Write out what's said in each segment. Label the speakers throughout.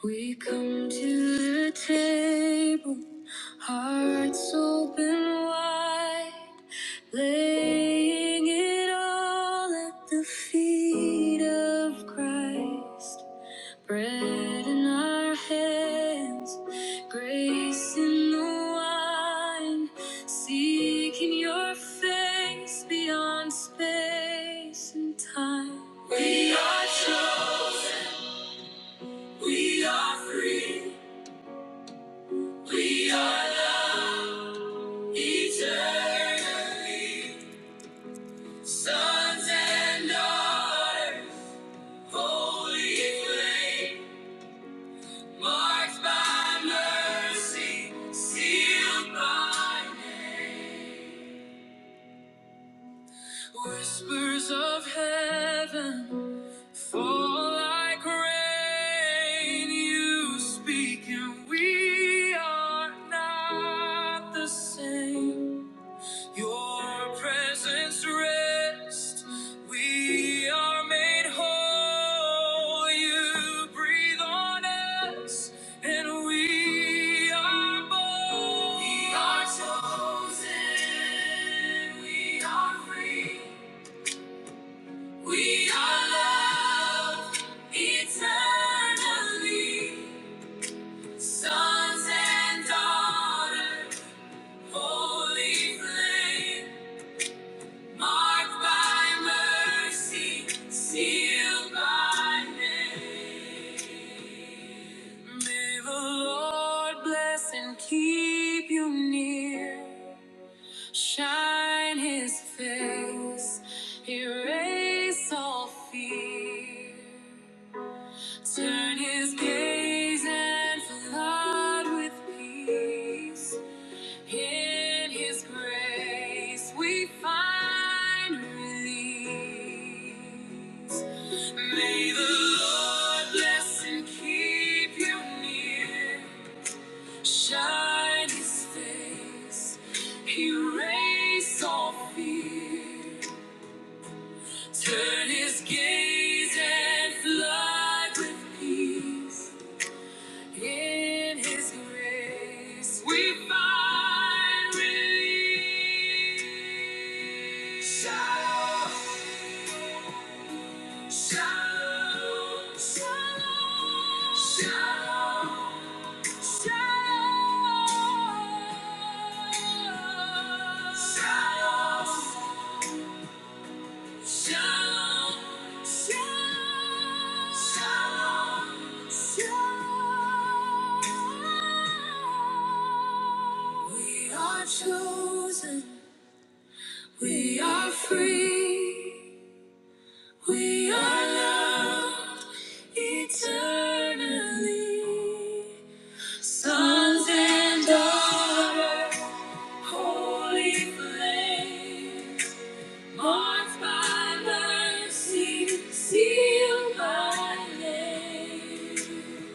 Speaker 1: We come to the table, hearts open wide, laying it all at the feet of Christ. Bread in our hands, grace in the wine, seeking your face beyond space and time. We are chosen, we are free. We are loved eternally, sons and daughters, holy flame, marked by mercy, sealed by name. Whispers of heaven fall like rain. You speak, and we are not the same. Your presence rest. We are made whole. You breathe on us, and we are bold. We are chosen. We are free. We are loved eternally. Sons and daughters, holy flame. Marked by mercy, sealed by name. May the Lord bless and keep you near. Shine his face, erase all fear. Turn his gaze and flood with peace. In His grace we find release. May the Lord bless and keep you near. Shine His face, erase all fear. Turn His gaze and flood with peace. In His grace, we find relief. Shalom, shalom, shalom, shalom, shalom. Shalom. Shalom, shalom, shalom, shalom. We are chosen, we are free, we are loved eternally. Sons and daughters, holy flame. Marked by mercy, sealed by name.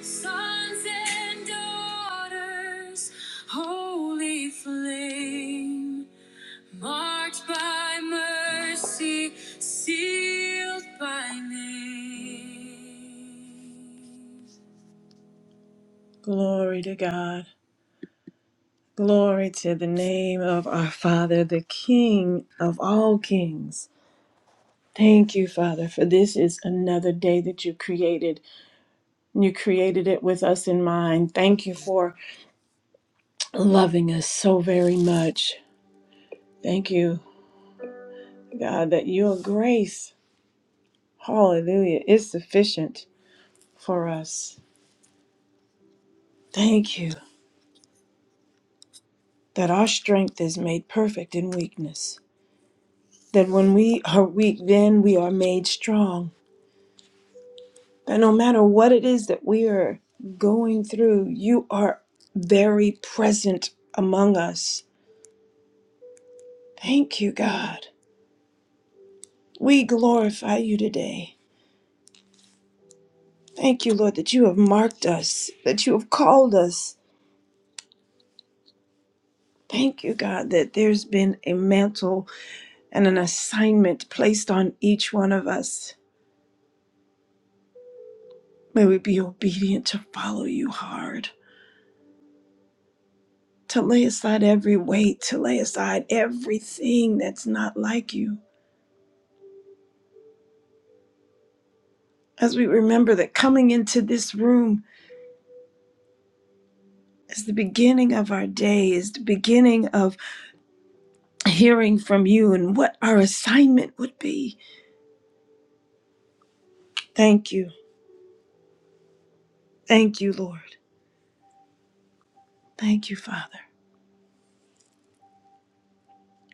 Speaker 1: Sons and daughters, holy flame. Marked by mercy, sealed by name. Glory to God. Glory to the name of our Father, the King of all kings. Thank you, Father, for this is another day that you created. You created it with us in mind. Thank you for loving us so very much. Thank you, God, that your grace, hallelujah, is sufficient for us. Thank you that our strength is made perfect in weakness. That when we are weak, then we are made strong. That no matter what it is that we are going through, you are very present among us Thank you, God. We glorify you today. Thank you, Lord, that you have marked us, that you have called us. Thank you, God, that there's been a mantle and an assignment placed on each one of us. May we be obedient to follow you hard, to lay aside every weight, to lay aside everything that's not like you. As we remember that coming into this room is the beginning of our day, is the beginning of hearing from you and what our assignment would be. Thank you. Thank you, Lord. Thank you, Father.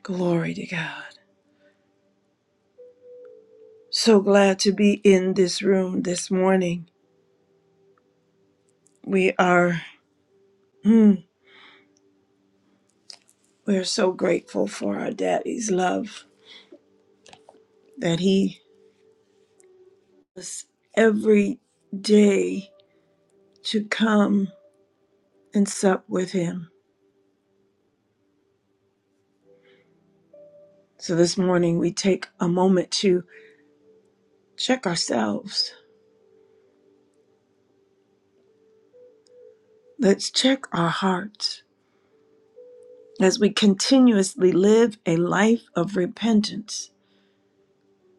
Speaker 1: Glory to God. So glad to be in this room this morning. We are hmm, we are so grateful for our daddy's love that he us every day to come and sup with him. So this morning we take a moment to check ourselves. Let's check our hearts. as we continuously live a life of repentance,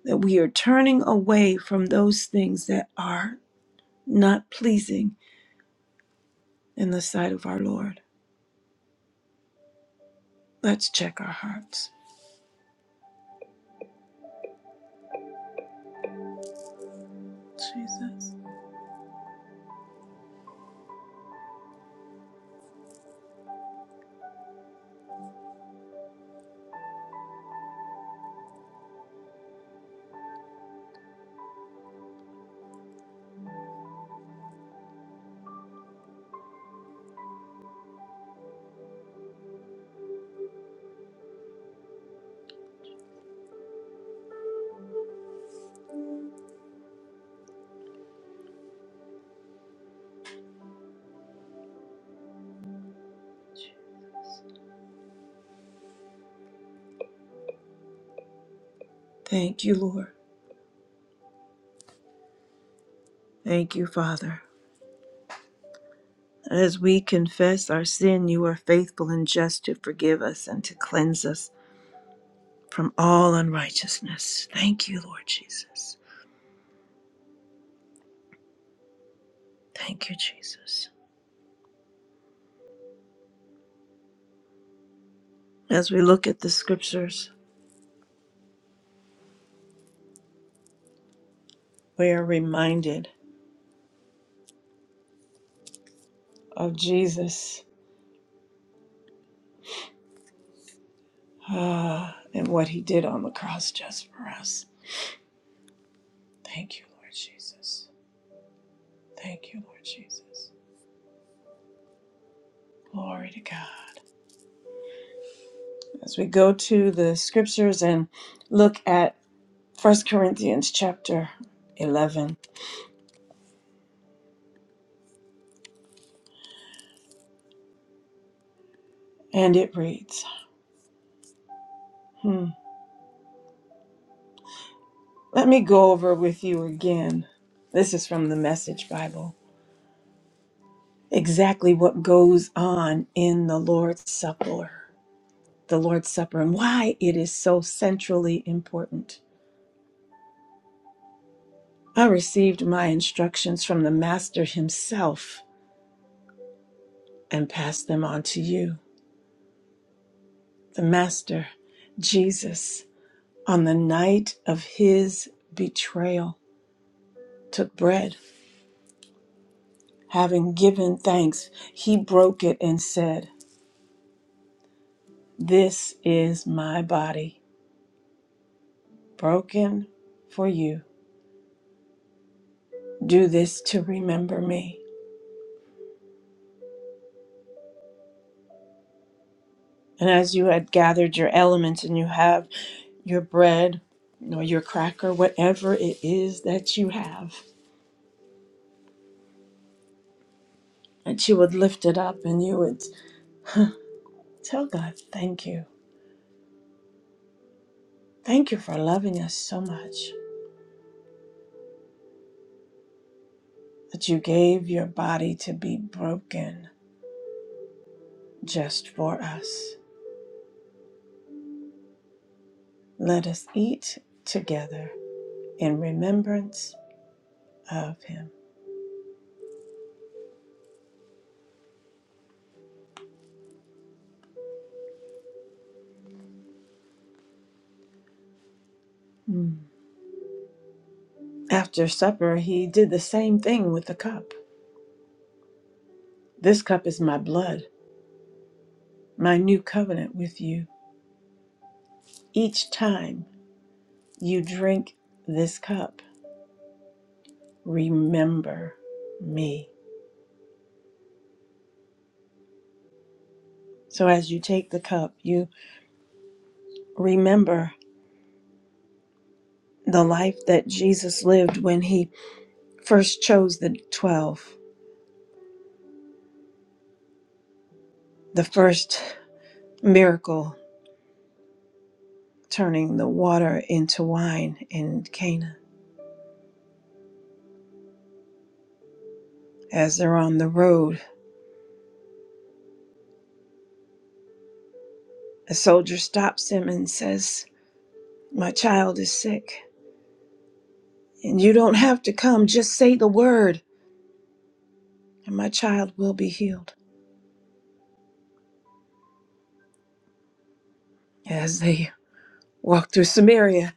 Speaker 1: that we are turning away from those things that are not pleasing in the sight of our Lord. Let's check our hearts. Jesus. Thank you, Lord. Thank you, Father. As we confess our sin, you are faithful and just to forgive us and to cleanse us from all unrighteousness. Thank you, Lord Jesus. Thank you, Jesus. As we look at the scriptures, we are reminded. of Jesus ah, and what he did on the cross just for us. Thank you, Lord Jesus. Thank you, Lord Jesus. Glory to God. As we go to the scriptures and look at First Corinthians chapter 11, and it reads hmm, Let me go over with you again. This is from the Message Bible. Exactly what goes on in the Lord's Supper, the Lord's Supper, and why it is so centrally important I received my instructions from the Master himself and passed them on to you. The Master, Jesus, on the night of his betrayal, took bread. Having given thanks, he broke it and said, This is my body, broken for you. Do this to remember me. And as you had gathered your elements and you have your bread or your cracker, whatever it is that you have, that you would lift it up and you would tell God, Thank you. Thank you for loving us so much that you gave your body to be broken just for us. Let us eat together in remembrance of him. Mm. After supper, he did the same thing with the cup. This cup is my blood, my new covenant with you. Each time you drink this cup, remember me. So as you take the cup, you remember the life that Jesus lived when he first chose the 12, the first miracle turning the water into wine in Cana. As they're on the road, a soldier stops him and says, My child is sick, and you don't have to come. Just say the word, and my child will be healed. As they walked through Samaria,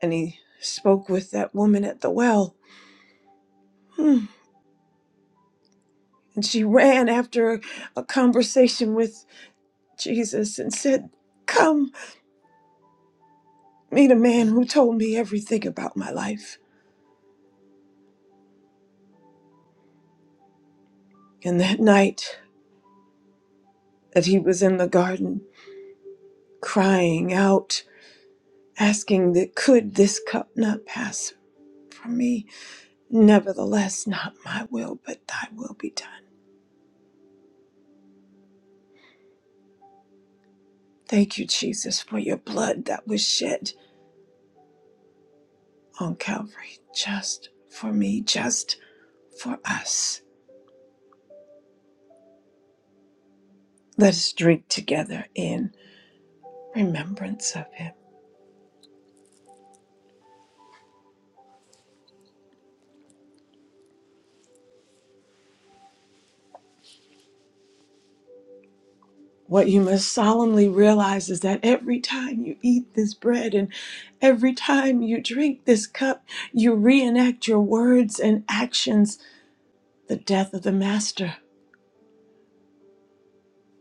Speaker 1: and he spoke with that woman at the well, hmm, and she ran after a a conversation with Jesus and said, Come, meet a man who told me everything about my life. And that night that he was in the garden, crying out, asking that could this cup not pass from me? Nevertheless, not my will, but thy will be done. Thank you, Jesus, for your blood that was shed on Calvary, just for me, just for us. Let us drink together in remembrance of him. What you must solemnly realize is that every time you eat this bread and every time you drink this cup, you reenact your words and actions the death of the Master.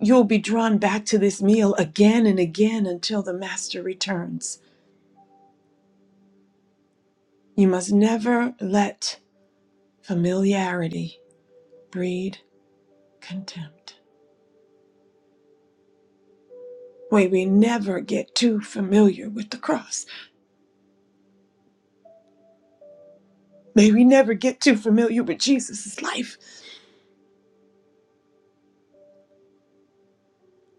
Speaker 1: You'll be drawn back to this meal again and again until the Master returns. You must never let familiarity breed contempt. May we never get too familiar with the cross. May we never get too familiar with Jesus' life.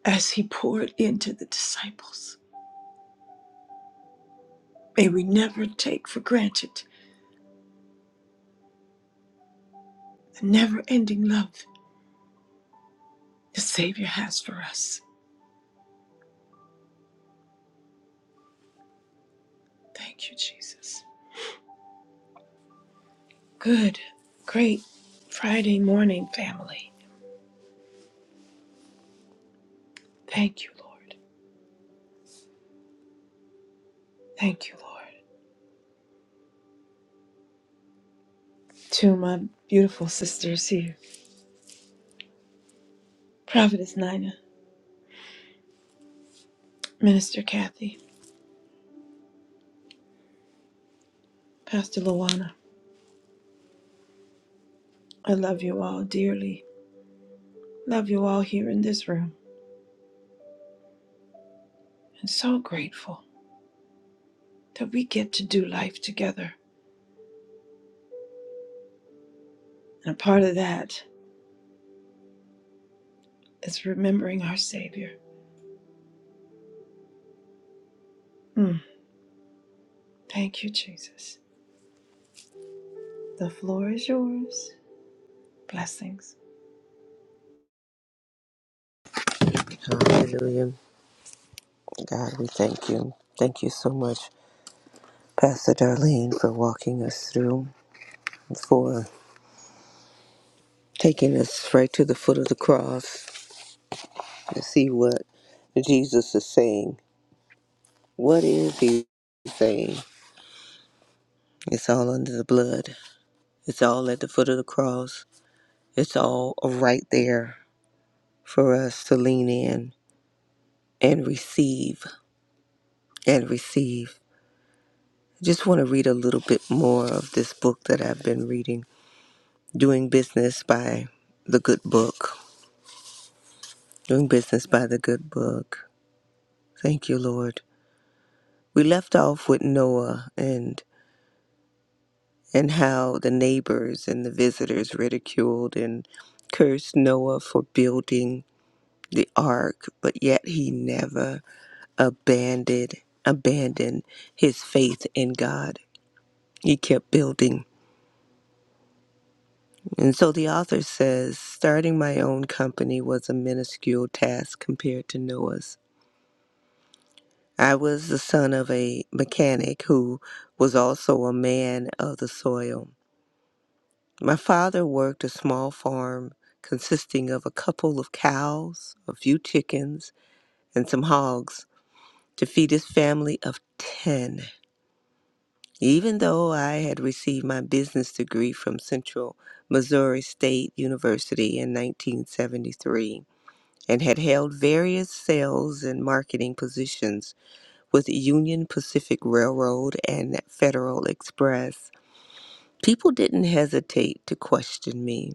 Speaker 1: as he poured into the disciples. May we never take for granted the never ending love the Savior has for us. Thank you, Jesus. Good, great Friday morning, family. Thank you, Lord. Thank you, Lord. To my beautiful sisters here Prophetess Nina, Minister Kathy, Pastor Luana, I love you all dearly. Love you all here in this room. And so grateful that we get to do life together. And a part of that. It's remembering our Savior. Mm. Thank you, Jesus. The floor is yours. Blessings.
Speaker 2: Hallelujah. God, we thank you. Thank you so much, Pastor Darlene, for walking us through, for taking us right to the foot of the cross to see what Jesus is saying. What is he saying? It's all under the blood, it's all at the foot of the cross, it's all right there for us to lean in and receive and receive. I just want to read a little bit more of this book that I've been reading Doing Business by the Good Book. Doing Business by the Good Book. Thank you, Lord. We left off with Noah and and how the neighbors and the visitors ridiculed and cursed Noah for building the ark, but yet he never abandoned abandoned his faith in God. He kept building. And so the author says, starting my own company was a minuscule task compared to Noah's. I was the son of a mechanic who was also a man of the soil. My father worked a small farm consisting of a couple of cows, a few chickens, and some hogs to feed his family of 10. Even though I had received my business degree from Central Missouri State University in 1973 and had held various sales and marketing positions with Union Pacific Railroad and Federal Express, people didn't hesitate to question me.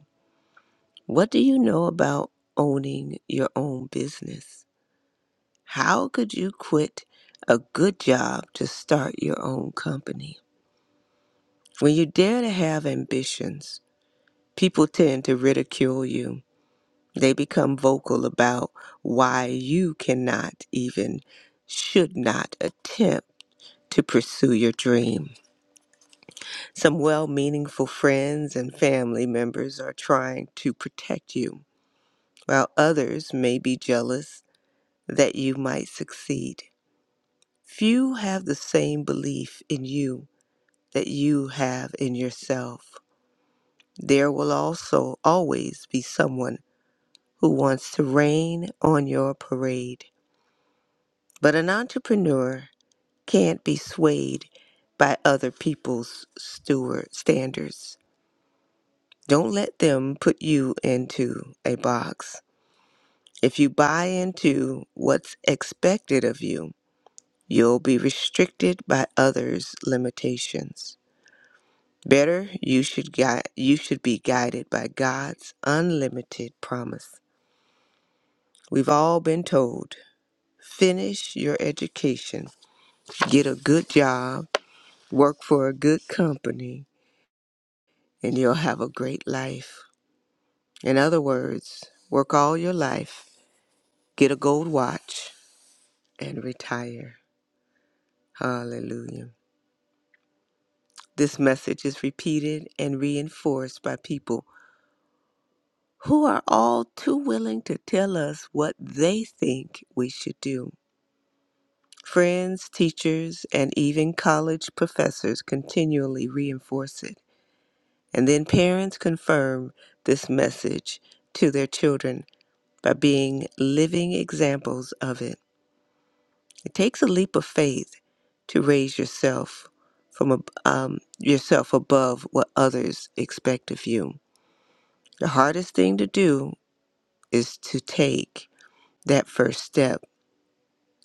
Speaker 2: What do you know about owning your own business? How could you quit a good job to start your own company? When you dare to have ambitions, people tend to ridicule you. They become vocal about why you cannot even, should not attempt to pursue your dream. Some well meaning friends and family members are trying to protect you, while others may be jealous that you might succeed. Few have the same belief in you that you have in yourself. There will also always be someone who wants to rain on your parade. But an entrepreneur can't be swayed by other people's steward standards. Don't let them put you into a box. If you buy into what's expected of you, you'll be restricted by others' limitations. Better, you should gui- you should be guided by God's unlimited promise. We've all been told, finish your education, get a good job, work for a good company, and you'll have a great life. In other words, work all your life, get a gold watch, and retire. Hallelujah. This message is repeated and reinforced by people who are all too willing to tell us what they think we should do. Friends, teachers, and even college professors continually reinforce it. And then parents confirm this message to their children by being living examples of it. It takes a leap of faith to raise yourself from ab- um, yourself above what others expect of you. The hardest thing to do is to take that first step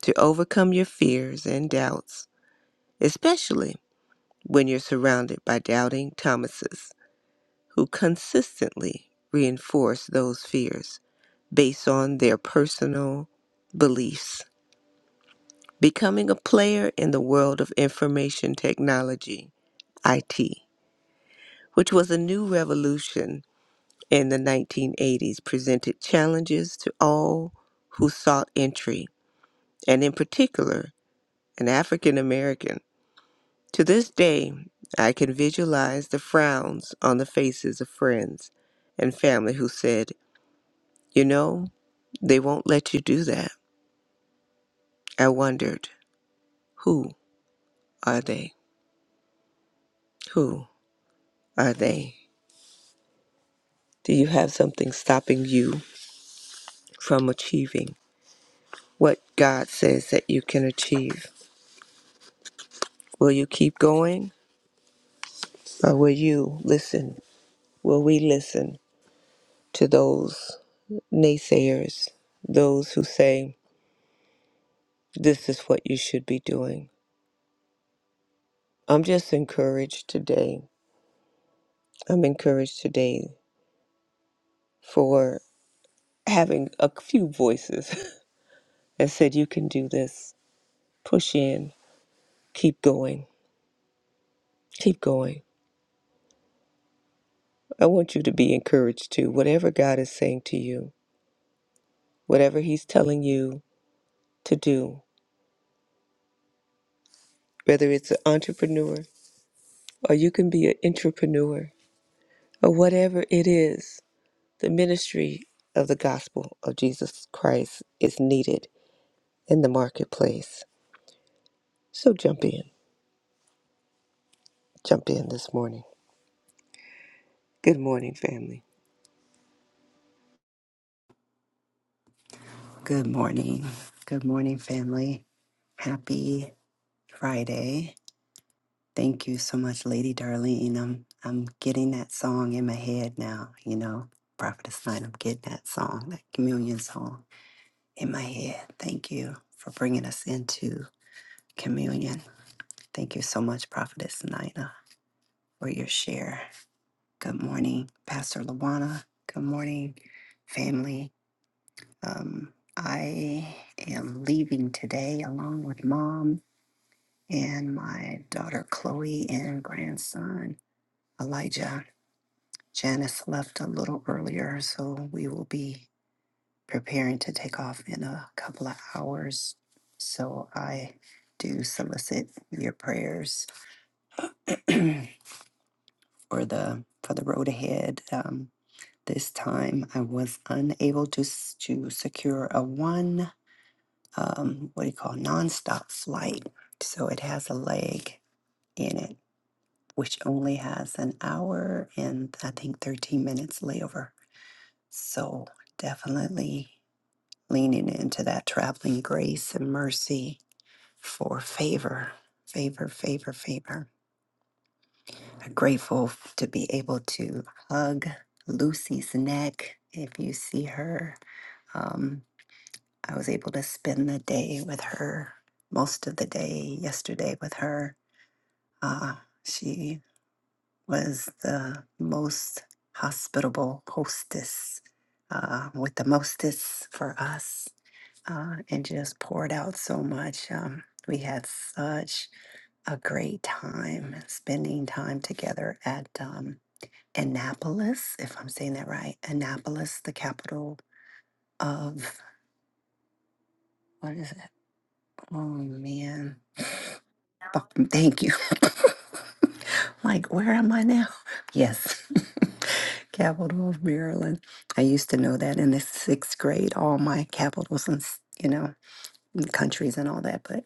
Speaker 2: to overcome your fears and doubts, especially when you're surrounded by doubting Thomases who consistently reinforce those fears based on their personal beliefs. Becoming a player in the world of information technology IT, which was a new revolution in the 1980s, presented challenges to all who sought entry, and in particular, an African American. To this day, I can visualize the frowns on the faces of friends and family who said, You know, they won't let you do that. I wondered, Who are they? Who are they? Do you have something stopping you from achieving what God says that you can achieve? Will you keep going or will you listen? Will we listen to those naysayers, those who say, this is what you should be doing? I'm just encouraged today. I'm encouraged today for having a few voices that said, you can do this. Push in, keep going, keep going. I want you to be encouraged too. Whatever God is saying to you, whatever He's telling you to do, whether it's an entrepreneur, or you can be an entrepreneur or whatever it is. The ministry of the gospel of Jesus Christ is needed in the marketplace. So jump in. Jump in this morning. Good morning, family.
Speaker 3: Good morning. Good morning, family. Happy Friday. Thank you so much, Lady Darlene. I'm I'm getting that song in my head now, you know, Prophetess Line. I'm getting that song, that communion song in my head. Thank you for bringing us into communion. Thank you so much, Prophetess Nina, for your share. Good morning, Pastor Lawana. Good morning, family. Um, I am leaving today along with mom and my daughter Chloe and grandson Elijah. Janice left a little earlier, so we will be preparing to take off in a couple of hours. So I do solicit your prayers for the for the road ahead. Um, this time I was unable to s- to secure a one um, what do you call nonstop flight, so it has a leg in it which only has an hour and I think 13 minutes layover. So definitely leaning into that traveling grace and mercy for favor, favor, favor, favor. I'm grateful to be able to hug Lucy's neck. If you see her, um, I was able to spend the day with her, most of the day yesterday with her. Uh, she was the most hospitable hostess uh, with the mostest for us uh, and just poured out so much. Um, we had such a great time spending time together at um, Annapolis, if I'm saying that right. Annapolis, the capital of, what is it? Oh man. Oh, thank you. like, where am I now? Yes. capital of Maryland. I used to know that in the sixth grade, all my capitals and, s- you know, and countries and all that. But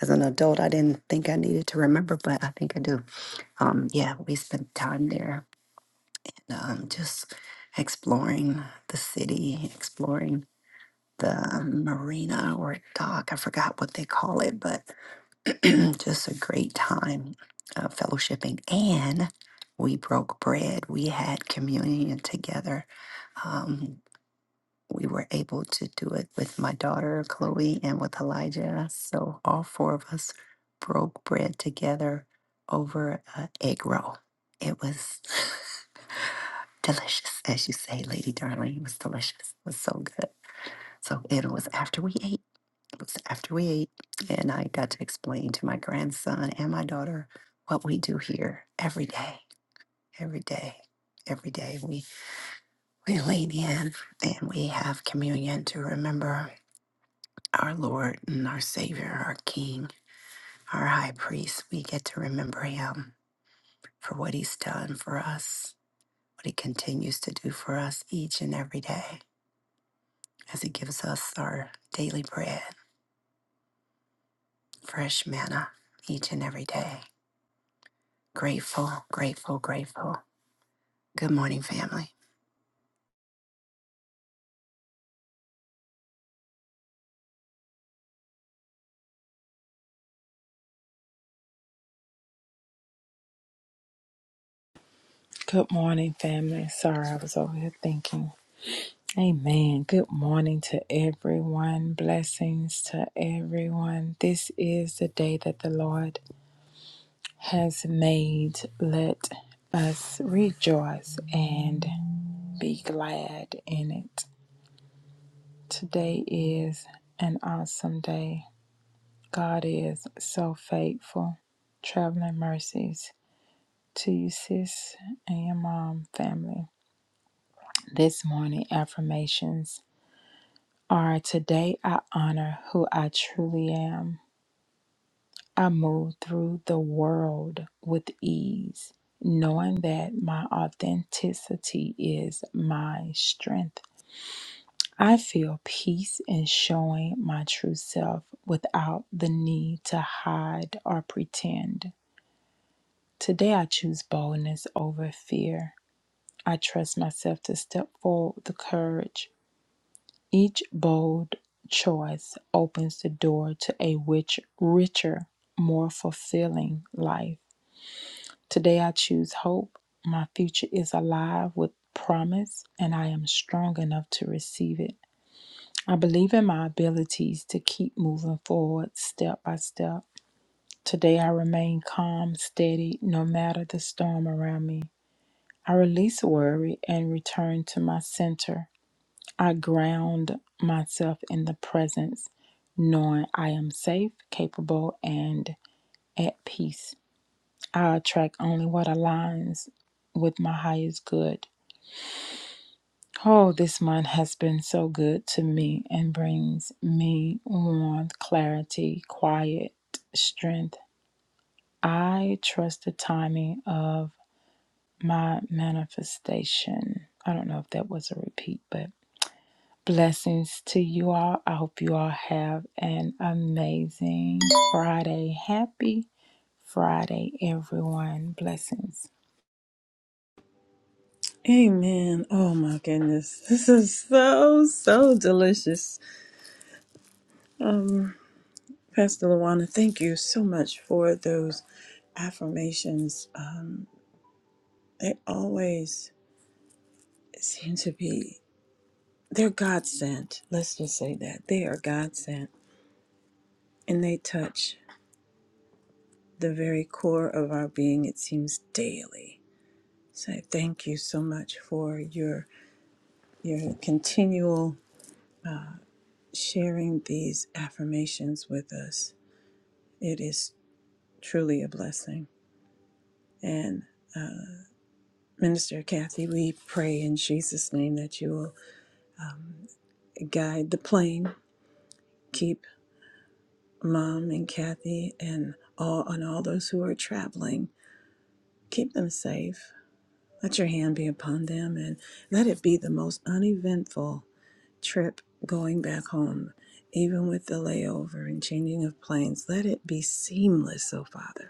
Speaker 3: as an adult, I didn't think I needed to remember, but I think I do. Um, yeah, we spent time there um, just exploring the city, exploring the um, marina or dock. I forgot what they call it, but just a great time uh, fellowshipping. And we broke bread. We had communion together. Um, we were able to do it with my daughter, Chloe, and with Elijah. So all four of us broke bread together over an egg roll. It was delicious, as you say, Lady Darling. It was delicious. It was so good. So it was after we ate was after we ate, and I got to explain to my grandson and my daughter what we do here every day, every day, every day. We we lean in and we have communion to remember our Lord and our Savior, our King, our High Priest. We get to remember Him for what He's done for us, what He continues to do for us each and every day, as He gives us our daily bread, fresh manna, each and every day. Grateful, grateful, grateful. Good morning, family.
Speaker 4: Good morning, family. Sorry, I was over here thinking. Amen. Good morning to everyone. Blessings to everyone. This is the day that the Lord has made. Let us rejoice and be glad in it. Today is an awesome day. God is so faithful. Traveling mercies to you, sis, and your mom, family. This morning, affirmations. All right, today I honor who I truly am. I move through the world with ease, knowing that my authenticity is my strength. I feel peace in showing my true self without the need to hide or pretend. Today I choose boldness over fear. I trust myself to step forward with courage Each bold choice opens the door to a rich, richer, more fulfilling life. Today I choose hope. My future is alive with promise, and I am strong enough to receive it. I believe in my abilities to keep moving forward step by step. Today I remain calm, steady, no matter the storm around me. I release worry and return to my center. I ground myself in the presence, knowing I am safe, capable, and at peace. I attract only what aligns with my highest good. Oh, this month has been so good to me and brings me warmth, clarity, quiet, strength. I trust the timing of my manifestation. I don't know if that was a repeat, but Blessings to you all. I hope you all have an amazing Friday. Happy Friday, everyone. Blessings.
Speaker 1: Amen. Oh my goodness. This is so, so delicious. Um, Pastor Luana, thank you so much for those affirmations. Uh, they always seem to be, they're God sent. Let's just say that. They are God sent and they touch the very core of our being, it seems daily. So I thank you so much for your your continual sharing these affirmations with us. It is truly a blessing. And Minister Kathy, we pray in Jesus' name that you will guide the plane, keep Mom and Kathy and all and all those who are traveling, keep them safe. Let your hand be upon them and let it be the most uneventful trip going back home, even with the layover and changing of planes. Let it be seamless, oh Father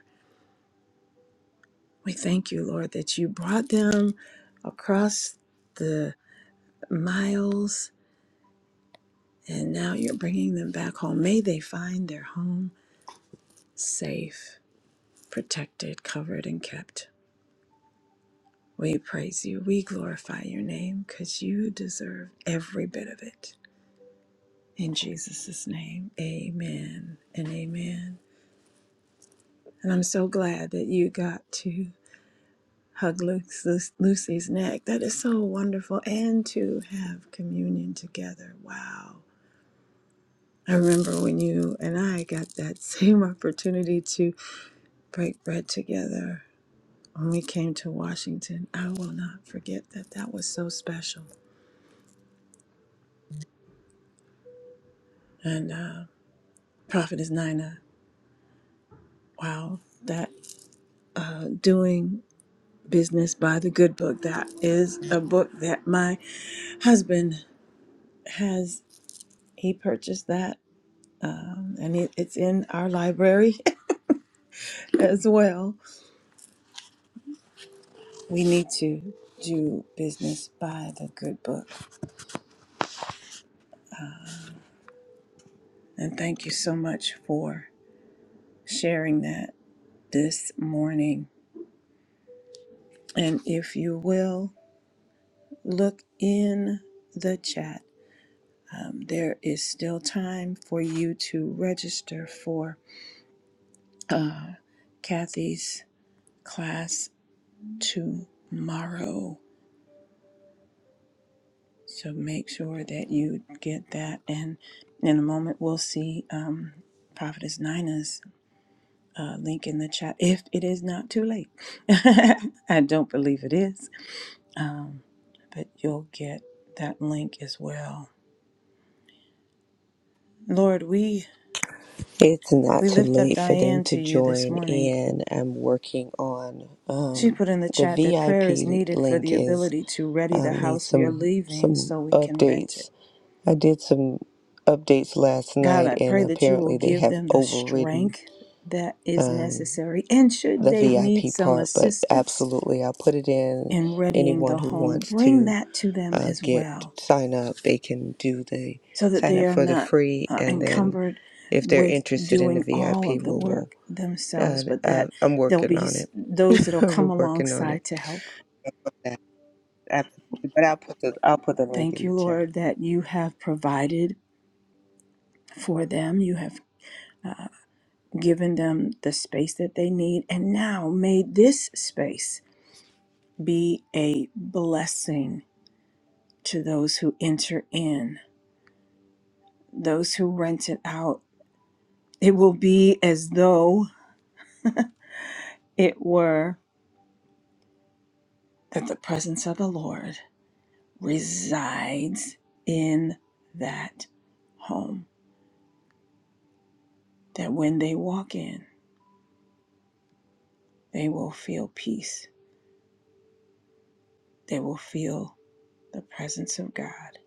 Speaker 1: We thank you, Lord, that you brought them across the miles and now you're bringing them back home. May they find their home safe, protected, covered, and kept. We praise you. We glorify your name because you deserve every bit of it. In Jesus' name, amen and amen. And I'm so glad that you got to hug Luke's, Lucy's neck. That is so wonderful. And to have communion together. Wow. I remember when you and I got that same opportunity to break bread together when we came to Washington. I will not forget that. That was so special. And uh, Prophetess Nina, wow, that uh, doing business by the good book, that is a book that my husband has, he purchased that. Um, and it, it's in our library as well. We need to do business by the good book And thank you so much for sharing that this morning. And if you will, look in the chat. Um, there is still time for you to register for uh, Kathy's class tomorrow. So make sure that you get that. And in a moment, we'll see um, Prophetess Nina's uh, link in the chat if it is not too late. I don't believe it is. Um, but you'll get that link as well. Lord, we
Speaker 2: It's not
Speaker 1: we
Speaker 2: too
Speaker 1: lift up
Speaker 2: late for them
Speaker 1: Diane
Speaker 2: to
Speaker 1: to you this
Speaker 2: join
Speaker 1: morning.
Speaker 2: in. I'm working on
Speaker 1: She
Speaker 2: um,
Speaker 1: put in the
Speaker 2: the
Speaker 1: chat that prayer is
Speaker 2: VIP
Speaker 1: needed for
Speaker 2: link
Speaker 1: the
Speaker 2: is
Speaker 1: ability to ready the
Speaker 2: um, need
Speaker 1: house we are
Speaker 2: some
Speaker 1: leaving
Speaker 2: some
Speaker 1: so we can rent it.
Speaker 2: updates. I did some updates last
Speaker 1: God,
Speaker 2: night,
Speaker 1: I
Speaker 2: and
Speaker 1: pray that you will
Speaker 2: apparently they
Speaker 1: give
Speaker 2: have
Speaker 1: them the
Speaker 2: overridden.
Speaker 1: strength that is
Speaker 2: Um,
Speaker 1: necessary. And should
Speaker 2: the
Speaker 1: they need
Speaker 2: VIP
Speaker 1: some
Speaker 2: part, but
Speaker 1: assistance
Speaker 2: absolutely, I'll put it in.
Speaker 1: in readying
Speaker 2: Anyone
Speaker 1: the
Speaker 2: who
Speaker 1: home,
Speaker 2: wants
Speaker 1: bring
Speaker 2: to
Speaker 1: that to them
Speaker 2: uh,
Speaker 1: as
Speaker 2: get
Speaker 1: well.
Speaker 2: sign up, they can do the
Speaker 1: so that
Speaker 2: sign
Speaker 1: they
Speaker 2: up
Speaker 1: are
Speaker 2: for the
Speaker 1: not
Speaker 2: free,
Speaker 1: uh,
Speaker 2: and then
Speaker 1: encumbered
Speaker 2: if they're
Speaker 1: with
Speaker 2: interested in the
Speaker 1: doing
Speaker 2: VIP,
Speaker 1: all
Speaker 2: we
Speaker 1: of the
Speaker 2: will.
Speaker 1: work
Speaker 2: Uh,
Speaker 1: themselves, but
Speaker 2: uh,
Speaker 1: that
Speaker 2: I'm
Speaker 1: there'll
Speaker 2: working
Speaker 1: be
Speaker 2: on
Speaker 1: s-
Speaker 2: it.
Speaker 1: those that'll come
Speaker 2: We're working on it.
Speaker 1: alongside to help.
Speaker 2: That- that- But I'll put the I'll put the link
Speaker 1: Thank
Speaker 2: in the
Speaker 1: you,
Speaker 2: chat.
Speaker 1: Lord, that you have provided for them. You have uh, given them the space that they need. And now may this space be a blessing to those who enter in, those who rent it out. It will be as though it were that the presence of the Lord resides in that home. That when they walk in, they will feel peace. They will feel the presence of God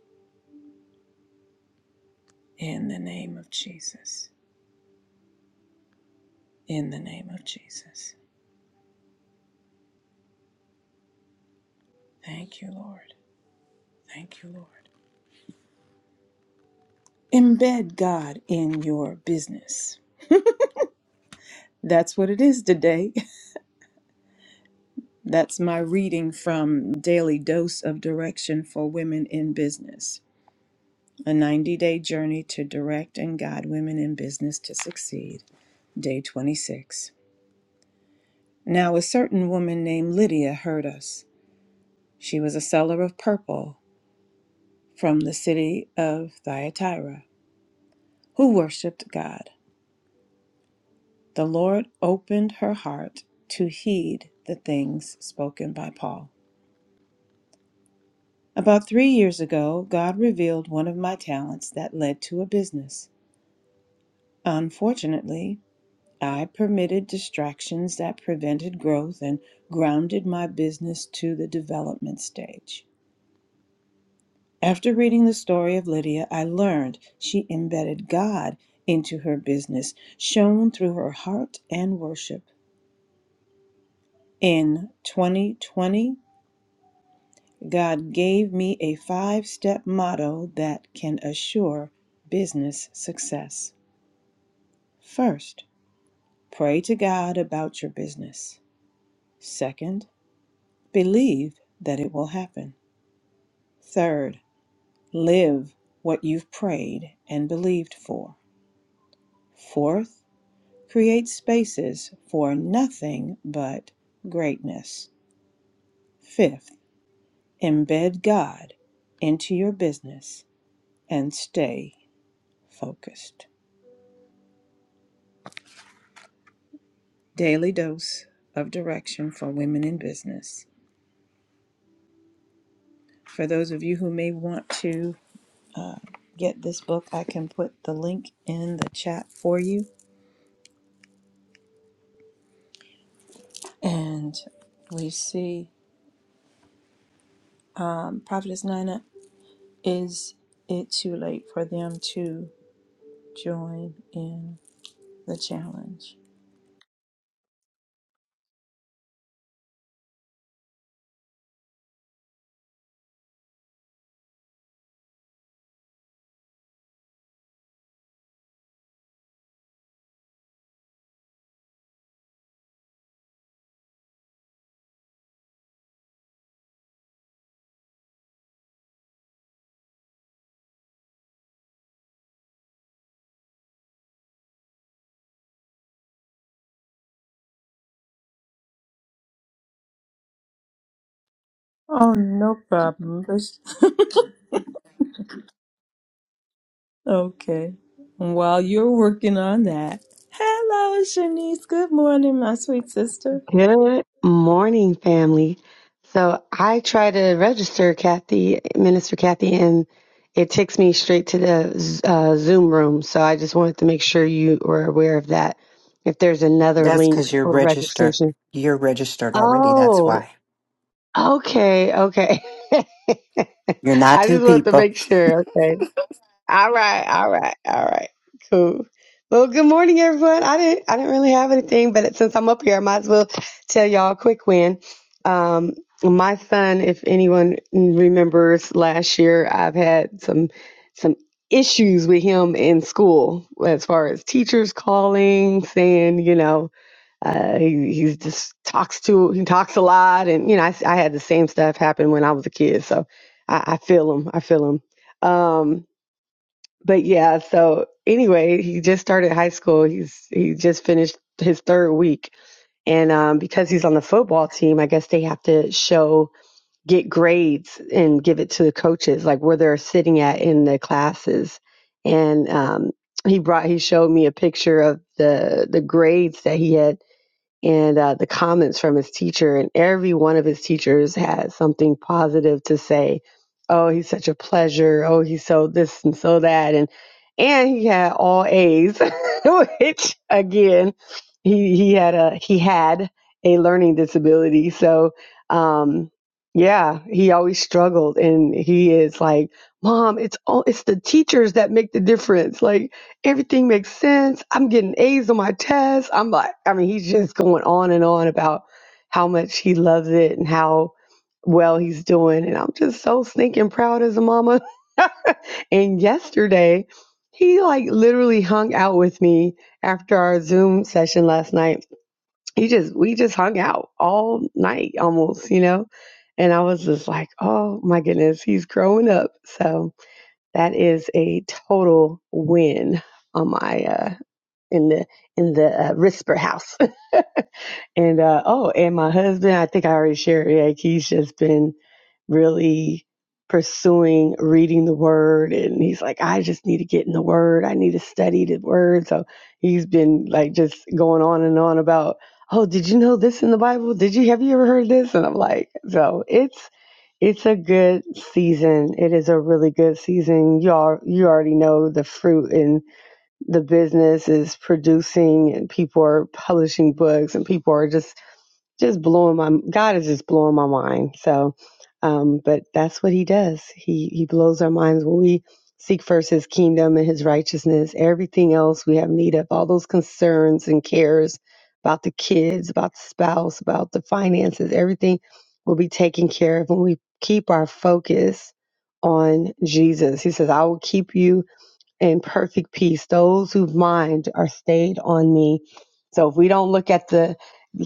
Speaker 1: in the name of Jesus. In the name of Jesus. Thank you, Lord. Thank you, Lord. Embed God in your business. That's what it is today. That's my reading from Daily Dose of Direction for Women in Business. A 90 day journey to direct and guide women in business to succeed. Day 26. Now, a certain woman named Lydia heard us. She was a seller of purple from the city of Thyatira, who worshiped God. The Lord opened her heart to heed the things spoken by Paul. About three years ago, God revealed one of my talents that led to a business. Unfortunately, I permitted distractions that prevented growth and grounded my business to the development stage. After reading the story of Lydia, I learned she embedded God into her business, shown through her heart and worship. In 2020, God gave me a five step motto that can assure business success. First, pray to God about your business. Second, believe that it will happen. Third, live what you've prayed and believed for. Fourth, create spaces for nothing but greatness. Fifth, embed God into your business and stay focused. Daily dose of direction for women in business. For those of you who may want to get this book, I can put the link in the chat for you. And we see um, Prophetess Nina Is it too late for them to join in the challenge? Oh, no problem. Let's- okay. While you're working on that, hello, Shanice. Good morning, my sweet sister.
Speaker 5: Good morning, family. So I try to register Kathy, Minister Kathy, and it takes me straight to the uh, Zoom room. So I just wanted to make sure you were aware of that. If there's another
Speaker 3: That's
Speaker 5: link
Speaker 3: because you're
Speaker 5: for
Speaker 3: registered.
Speaker 5: registration.
Speaker 3: You're registered already. That's
Speaker 5: Oh,
Speaker 3: why.
Speaker 5: okay, okay.
Speaker 3: You're not
Speaker 5: I
Speaker 3: two
Speaker 5: just wanted to
Speaker 3: people.
Speaker 5: make sure. okay. All right, all right, all right. Cool. Well, good morning, everyone. I didn't, I didn't really have anything, but since I'm up here, I might as well tell y'all a quick win. Um, my son, if anyone remembers last year, I've had some, some issues with him in school as far as teachers calling, saying, you know, uh, he he's just talks to he talks a lot, and you know I, s- I had the same stuff happen when I was a kid, so I, I feel him. I feel him. Um, but yeah, so anyway, he just started high school. He's he just finished his third week, and um, because he's on the football team, I guess they have to show get grades and give it to the coaches, like where they're sitting at in the classes. And um, he brought he showed me a picture of the the grades that he had and uh, the comments from his teacher, and every one of his teachers had something positive to say. Oh, he's such a pleasure. Oh, he's so this and so that, and and he had all A's, which again, he he had a he had a learning disability. So, um, yeah, he always struggled, and he is like, Mom, it's all it's the teachers that make the difference. Like Everything makes sense. I'm getting A's on my test. I'm like, I mean, he's just going on and on about how much he loves it and how well he's doing. And I'm just so stinking proud as a mama. And yesterday, he like literally hung out with me after our Zoom session last night. He just, we just hung out all night almost, you know? And I was just like, oh my goodness, he's growing up. So that is a total win on my uh, in the in the uh, Risper house. and uh, oh, and my husband, I think I already shared. Like he's just been really pursuing reading the Word, and he's like, I just need to get in the Word. I need to study the Word. So he's been like just going on and on about. Oh, did you know this in the Bible? Did you have you ever heard this? And I'm like, so it's it's a good season. It is a really good season. You all you already know the fruit and the business is producing and people are publishing books and people are just just blowing my god is just blowing my mind so um but that's what he does he he blows our minds when we seek first his kingdom and his righteousness everything else we have need of all those concerns and cares about the kids about the spouse about the finances everything will be taken care of when we keep our focus on jesus he says i will keep you in perfect peace those whose mind are stayed on me so if we don't look at the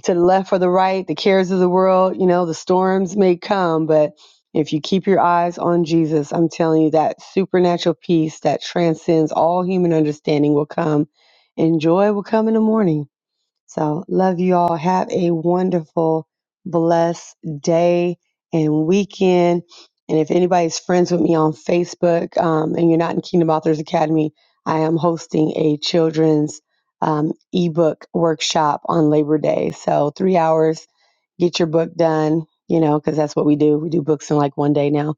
Speaker 5: to the left or the right the cares of the world you know the storms may come but if you keep your eyes on jesus i'm telling you that supernatural peace that transcends all human understanding will come and joy will come in the morning so, love you all. Have a wonderful, blessed day and weekend. And if anybody's friends with me on Facebook um, and you're not in Kingdom Authors Academy, I am hosting a children's um, ebook workshop on Labor Day. So, three hours, get your book done, you know, because that's what we do. We do books in like one day now.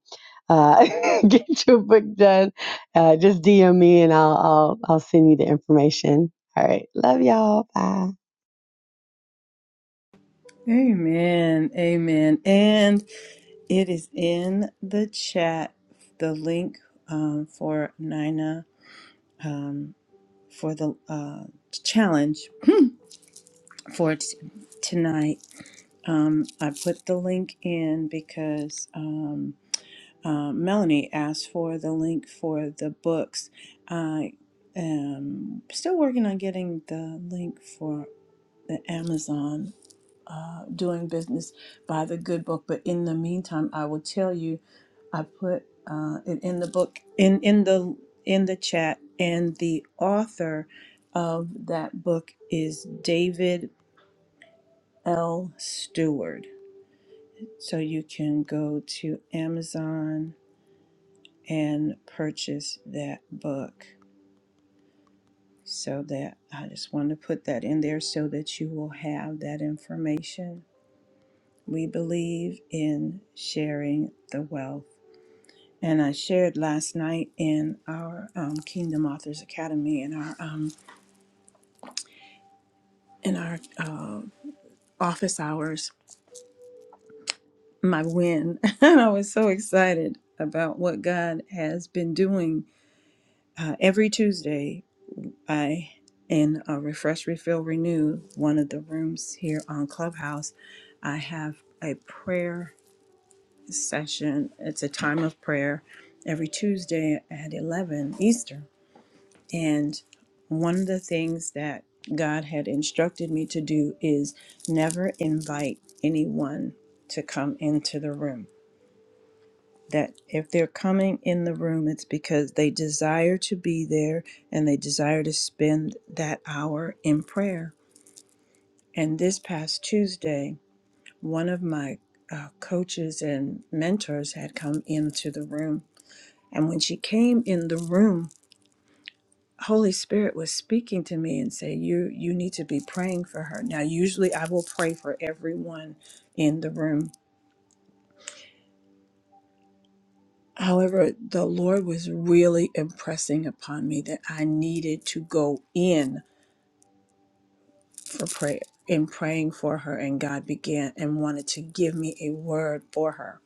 Speaker 5: Uh, get your book done. Uh, just DM me and I'll, I'll, I'll send you the information. All right. Love y'all. Bye.
Speaker 1: Amen. Amen. And it is in the chat the link um, for Nina for the uh, challenge for t- tonight Um, I put the link in because um, uh, Melanie asked for the link for the books. I am still working on getting the link for the Amazon uh, Doing Business by the Good Book, but in the meantime, I will tell you I put uh, it in the book in in the in the chat, and the author of that book is David L. Stewart so you can go to Amazon and purchase that book. So that I just want to put that in there so that you will have that information. We believe in sharing the wealth. And I shared last night in our um, Kingdom Authors Academy in our um, in our uh, office hours my win. and I was so excited about what God has been doing uh, every Tuesday I in a refresh refill renew one of the rooms here on Clubhouse I have a prayer session it's a time of prayer every Tuesday at 11 Eastern and one of the things that God had instructed me to do is never invite anyone to come into the room that if they're coming in the room it's because they desire to be there and they desire to spend that hour in prayer And this past Tuesday, one of my uh, coaches and mentors had come into the room. And when she came in the room, Holy Spirit was speaking to me and say, "You you need to be praying for her." Now, usually I will pray for everyone in the room. However, the Lord was really impressing upon me that I needed to go in for prayer in praying for her and God began and wanted to give me a word for her.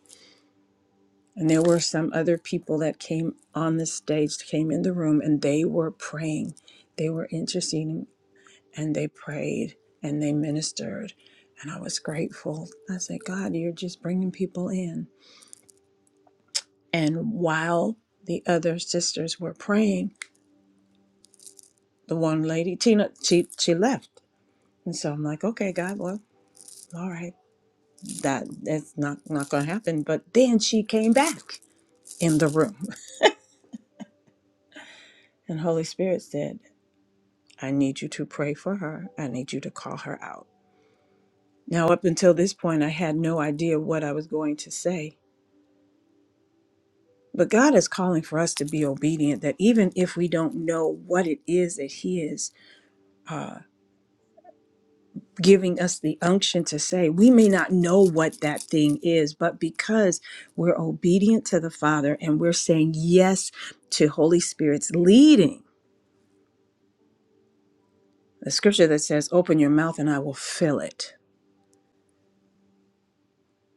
Speaker 1: And there were some other people that came on the stage, came in the room, and they were praying. They were interceding and they prayed and they ministered. And I was grateful. I said, God, you're just bringing people in. And while the other sisters were praying, the one lady, Tina, she, she left. And so I'm like, okay, God, well, all right, that that's not, not going to happen. But then she came back in the room. And Holy Spirit said, I need you to pray for her. I need you to call her out. Now, up until this point, I had no idea what I was going to say. But God is calling for us to be obedient, that even if we don't know what it is that He is uh, giving us the unction to say, we may not know what that thing is, but because we're obedient to the Father and we're saying yes to Holy Spirit's leading, the scripture that says, Open your mouth and I will fill it.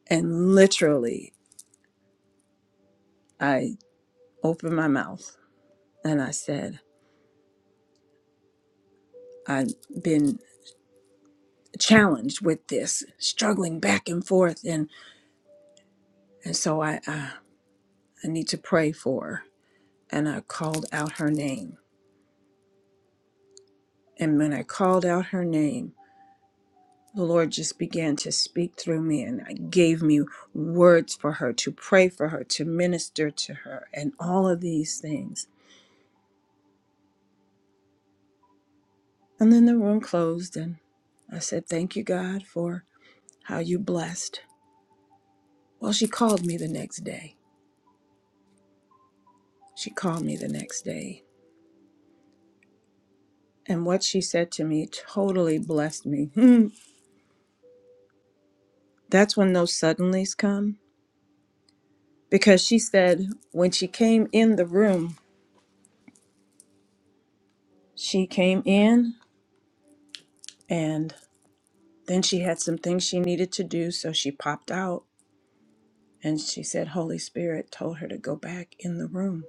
Speaker 1: And literally, I opened my mouth And I said, I've been challenged with this, struggling back and forth. And, and so I, I, I need to pray for her. And I called out her name. And when I called out her name, the Lord just began to speak through me and gave me words for her, to pray for her, to minister to her, and all of these things. And then the room closed, and I said, Thank you, God, for how you blessed. Well, she called me the next day. She called me the next day And what she said to me totally blessed me. That's when those suddenlies come. Because she said when she came in the room, she came in and then she had some things she needed to do. So she popped out and she said, Holy Spirit told her to go back in the room.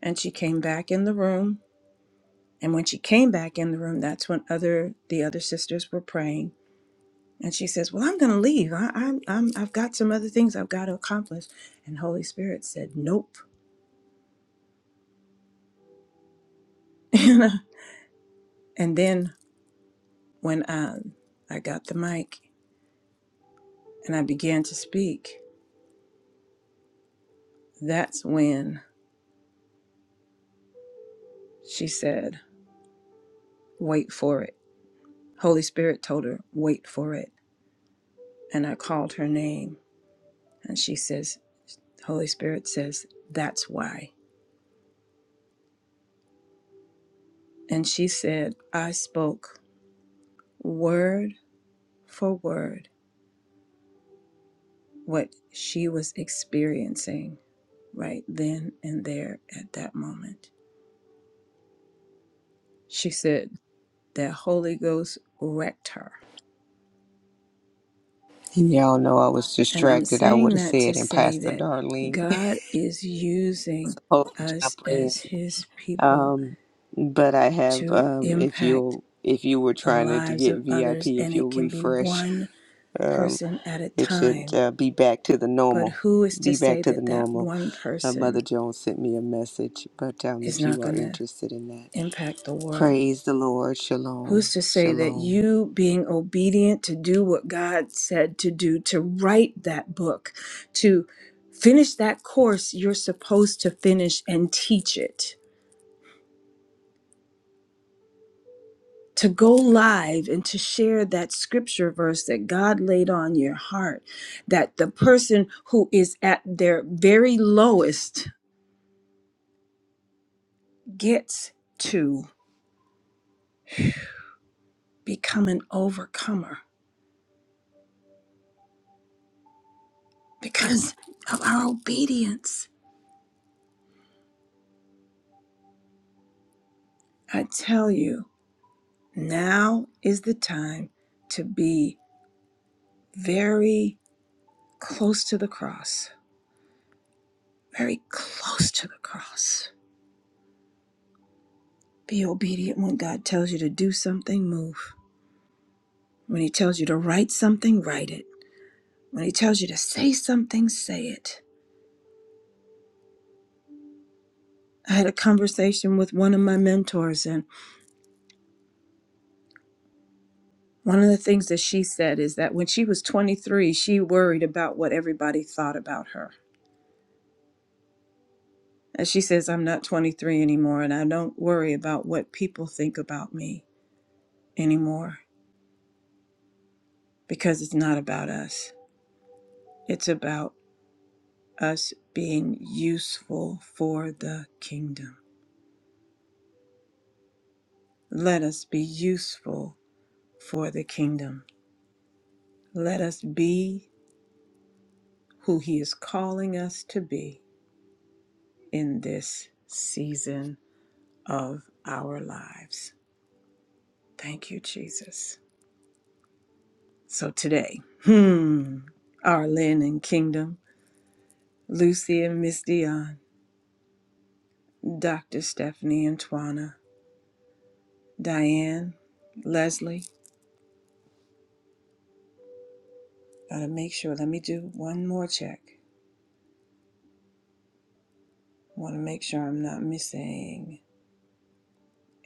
Speaker 1: And she came back in the room. And when she came back in the room, that's when other the other sisters were praying. And she says, "Well, I'm going to leave. I, I'm, I'm I've got some other things I've got to accomplish." And Holy Spirit said, "Nope. and then when I, I got the mic and I began to speak, that's when she said, Wait for it. Holy Spirit told her, Wait for it. And I called her name. And she says, Holy Spirit says, That's why. And she said, I spoke word for word what she was experiencing right then and there at that moment. She said that Holy Ghost wrecked her
Speaker 2: And y'all know I was
Speaker 1: And I'm
Speaker 2: distracted. I would
Speaker 1: saying
Speaker 2: have
Speaker 1: that to
Speaker 2: said, and
Speaker 1: say
Speaker 2: Pastor
Speaker 1: that
Speaker 2: Darlene,
Speaker 1: God is using
Speaker 2: hold the
Speaker 1: us
Speaker 2: jump
Speaker 1: as His people
Speaker 2: Um, but I have,
Speaker 1: to
Speaker 2: um, if
Speaker 1: impact
Speaker 2: you'll, if you were
Speaker 1: the
Speaker 2: trying to, to
Speaker 1: lives
Speaker 2: get
Speaker 1: of
Speaker 2: VIP,
Speaker 1: others,
Speaker 2: if
Speaker 1: and
Speaker 2: you'll
Speaker 1: it can be
Speaker 2: refresh,
Speaker 1: one
Speaker 2: um,
Speaker 1: person at a
Speaker 2: it should
Speaker 1: time.
Speaker 2: uh, be back to the
Speaker 1: But
Speaker 2: normal.
Speaker 1: who is to
Speaker 2: Be back
Speaker 1: say
Speaker 2: to the
Speaker 1: that that
Speaker 2: normal.
Speaker 1: one
Speaker 2: Uh, Mother
Speaker 1: person
Speaker 2: Jones sent me a message, but um,
Speaker 1: is
Speaker 2: if you
Speaker 1: not
Speaker 2: are
Speaker 1: going to
Speaker 2: interested in that,
Speaker 1: impact the world?
Speaker 2: praise the Lord. Shalom.
Speaker 1: Who's to say that
Speaker 2: Shalom.
Speaker 1: you being obedient to do what God said to do, to write that book, to finish that course you're supposed to finish and teach it, to go live and to share that scripture verse that God laid on your heart, that the person who is at their very lowest gets to become an overcomer because of our obedience? I tell you. Now is the time to be very close to the cross, very close to the cross. Be obedient when God tells you to do something, move. When He tells you to write something, write it. When He tells you to say something, say it. I had a conversation with one of my mentors, and one of the things that she said is that when she was 23, she worried about what everybody thought about her. And she says, I'm not 23 anymore, and I don't worry about what people think about me. anymore because it's not about us. It's about us being useful for the kingdom. Let us be useful for the kingdom. Let us be who He is calling us to be in this season of our lives. Thank you, Jesus. So today, hmm, Arlen and Kingdom, Lucy and Miss Dion, Dr. Stephanie and Twana. Diane, Leslie. Gotta make sure. Let me do one more check. Wanna make sure I'm not missing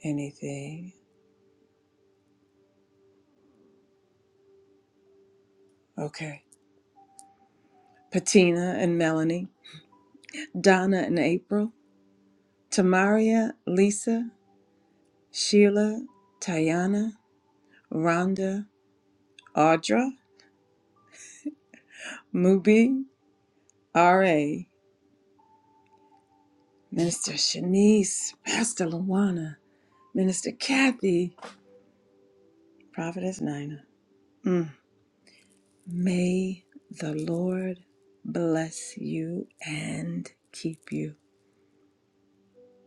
Speaker 1: anything. Okay. Patina and Melanie. Donna and April. Tamaria, Lisa, Sheila, Tayana, Rhonda, Audra, Mubi, R.A., Minister Shanice, Pastor Luana, Minister Kathy, Prophetess Nina. Mm. May the Lord bless you and keep you.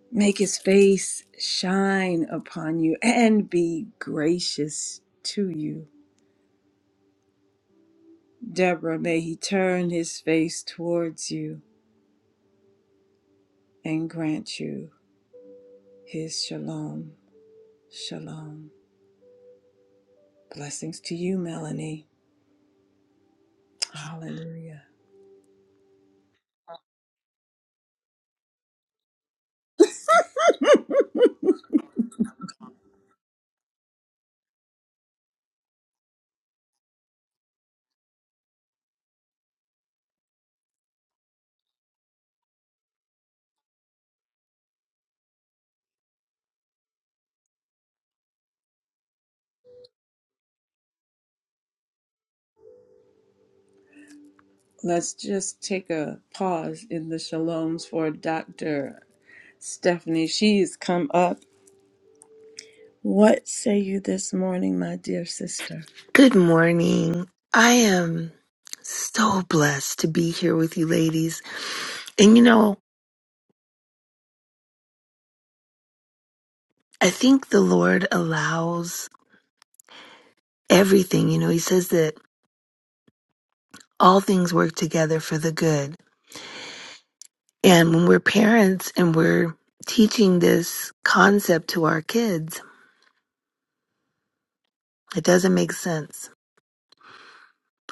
Speaker 1: Make his face shine upon you and be gracious to you. Deborah, may he turn his face towards you and grant you his shalom. Shalom. Blessings to you, Melanie. Hallelujah. Let's just take a pause in the shaloms for Dr. Stephanie. She's come up What say you this morning, my dear sister?
Speaker 6: Good morning. I am so blessed to be here with you ladies. And you know, I think the Lord allows everything. You know, He says that all things work together for the good. And when we're parents and we're teaching this concept to our kids, it doesn't make sense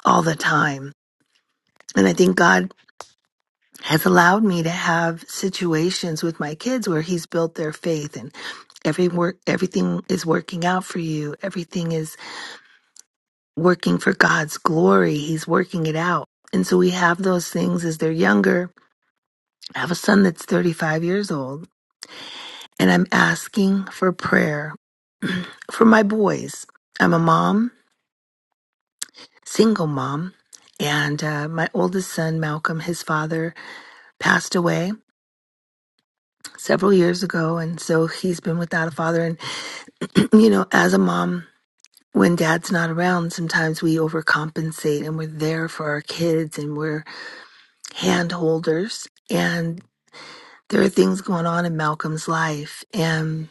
Speaker 6: all the time. And I think God has allowed me to have situations with my kids where He's built their faith and every work, everything is working out for you. Everything is working for God's glory. He's working it out. And so we have those things as they're younger. I have a son that's 35 years old, and I'm asking for prayer for my boys. I'm a mom, single mom, and uh, my oldest son, Malcolm, his father passed away several years ago. And so he's been without a father. And, you know, as a mom, when dad's not around, sometimes we overcompensate and we're there for our kids and we're hand holders. And there are things going on in Malcolm's life, and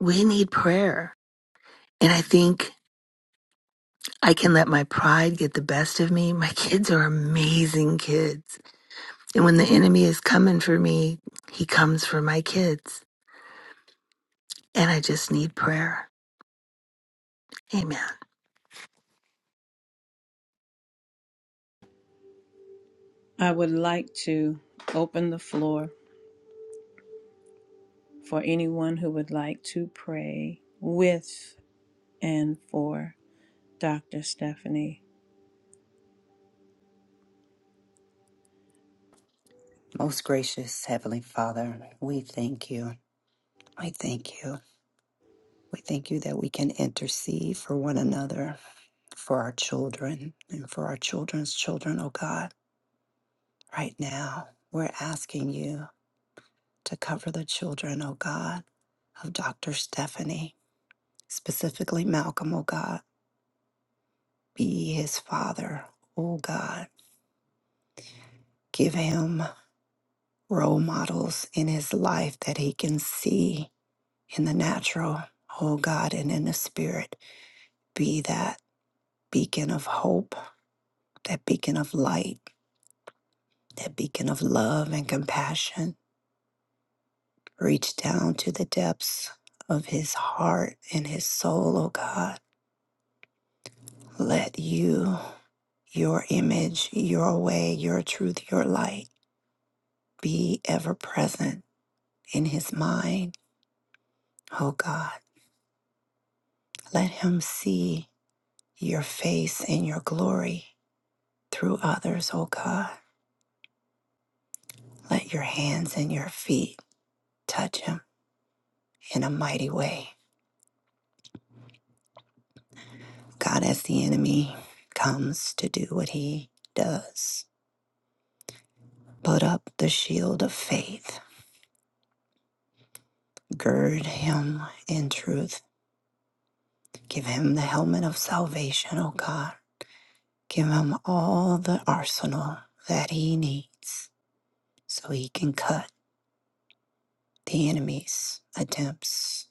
Speaker 6: we need prayer. And I think I can let my pride get the best of me. My kids are amazing kids. And when the enemy is coming for me, he comes for my kids. And I just need prayer. Amen.
Speaker 1: I would like to open the floor for anyone who would like to pray with and for Dr. Stephanie.
Speaker 3: Most gracious Heavenly Father, we thank you. We thank you. We thank you that we can intercede for one another. for our children and for our children's children, oh God. Right now, we're asking you to cover the children, oh God, of Dr. Stephanie, specifically Malcolm, oh God. Be his father, oh God. Give him role models in his life that he can see in the natural, oh God, and in the spirit. Be that beacon of hope, that beacon of light, that beacon of love and compassion Reach down to the depths of his heart and his soul, oh God. Let you, your image, your way, your truth, your light be ever present in his mind, oh God. Let him see your face and your glory through others, oh God. Let your hands and your feet touch him in a mighty way. God, as the enemy comes to do what he does, put up the shield of faith Gird him in truth. Give him the helmet of salvation, O God. Give him all the arsenal that he needs so he can cut the enemy's attempts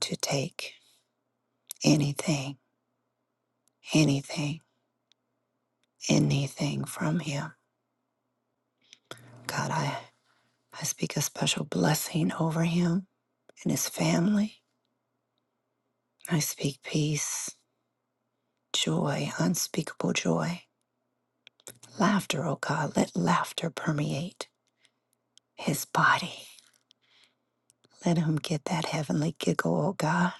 Speaker 3: to take anything, anything, anything from him. God, I, I speak a special blessing over him and his family. I speak peace, joy, unspeakable joy, laughter, O God. Let laughter permeate his body Let them get that heavenly giggle, oh God.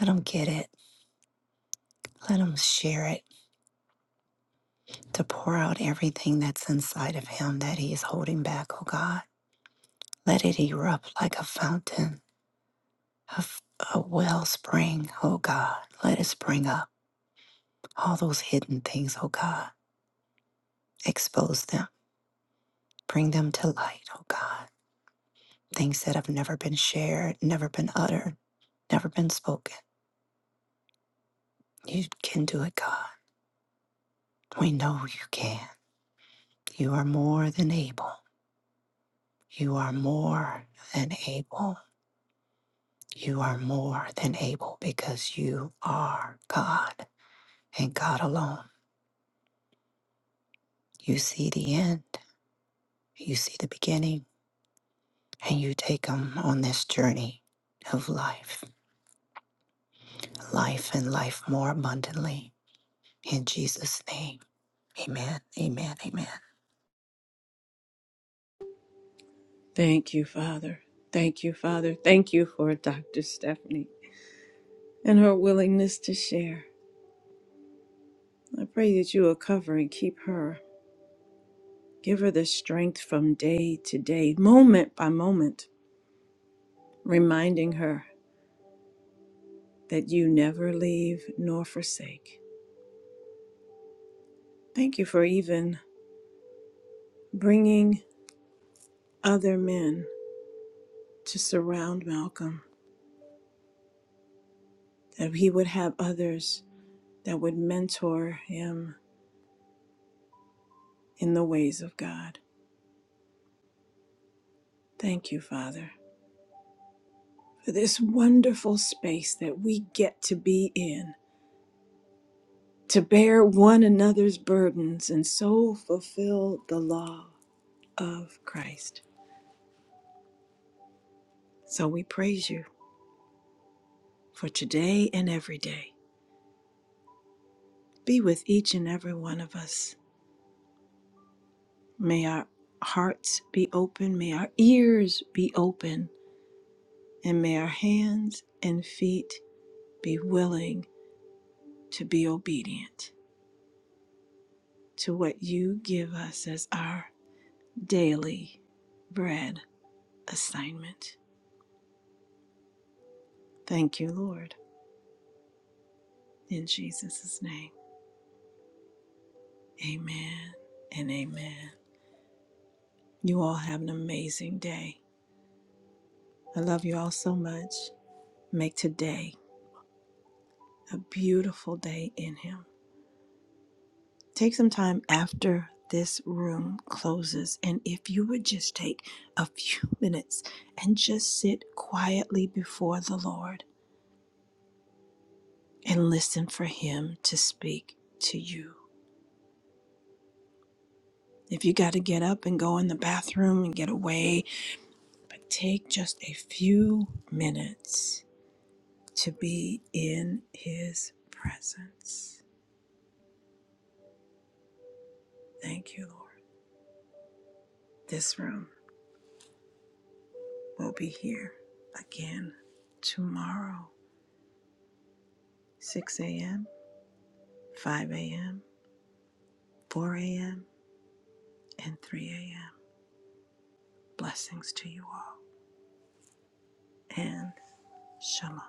Speaker 3: Let them get it. Let him share it to pour out everything that's inside of him that he is holding back, oh God. Let it erupt like a fountain, a, f- a wellspring, oh God. Let it spring up. All those hidden things, oh God. Expose them. Bring them to light, oh God. Things that have never been shared, never been uttered, never been spoken. You can do it, God. We know you can. You are more than able. You are more than able. You are more than able because you are God and God alone. You see the end, you see the beginning, and you take them on this journey of life, life and life more abundantly. In Jesus' name, amen, amen, amen.
Speaker 1: Thank you, Father. Thank you, Father. Thank you for Dr. Stephanie and her willingness to share. I pray that you will cover and keep her. Give her the strength from day to day, moment by moment, reminding her that you never leave nor forsake Thank you for even bringing other men to surround Malcolm, that he would have others that would mentor him in the ways of God. Thank you, Father, for this wonderful space that we get to be in, to bear one another's burdens and so fulfill the law of Christ. So we praise you for today and every day. Be with each and every one of us May our hearts be open, may our ears be open, and may our hands and feet be willing to be obedient to what you give us as our daily bread assignment. Thank you, Lord. In Jesus' name, amen and amen. You all have an amazing day. I love you all so much. Make today a beautiful day in Him. Take some time after this room closes, and if you would just take a few minutes and just sit quietly before the Lord and listen for Him to speak to you. If you got to get up and go in the bathroom and get away, but take just a few minutes to be in His presence. Thank you, Lord. This room will be here again tomorrow, 6 a.m. 5 a.m., 4 a.m., and 3 a.m. Blessings to you all, and shalom.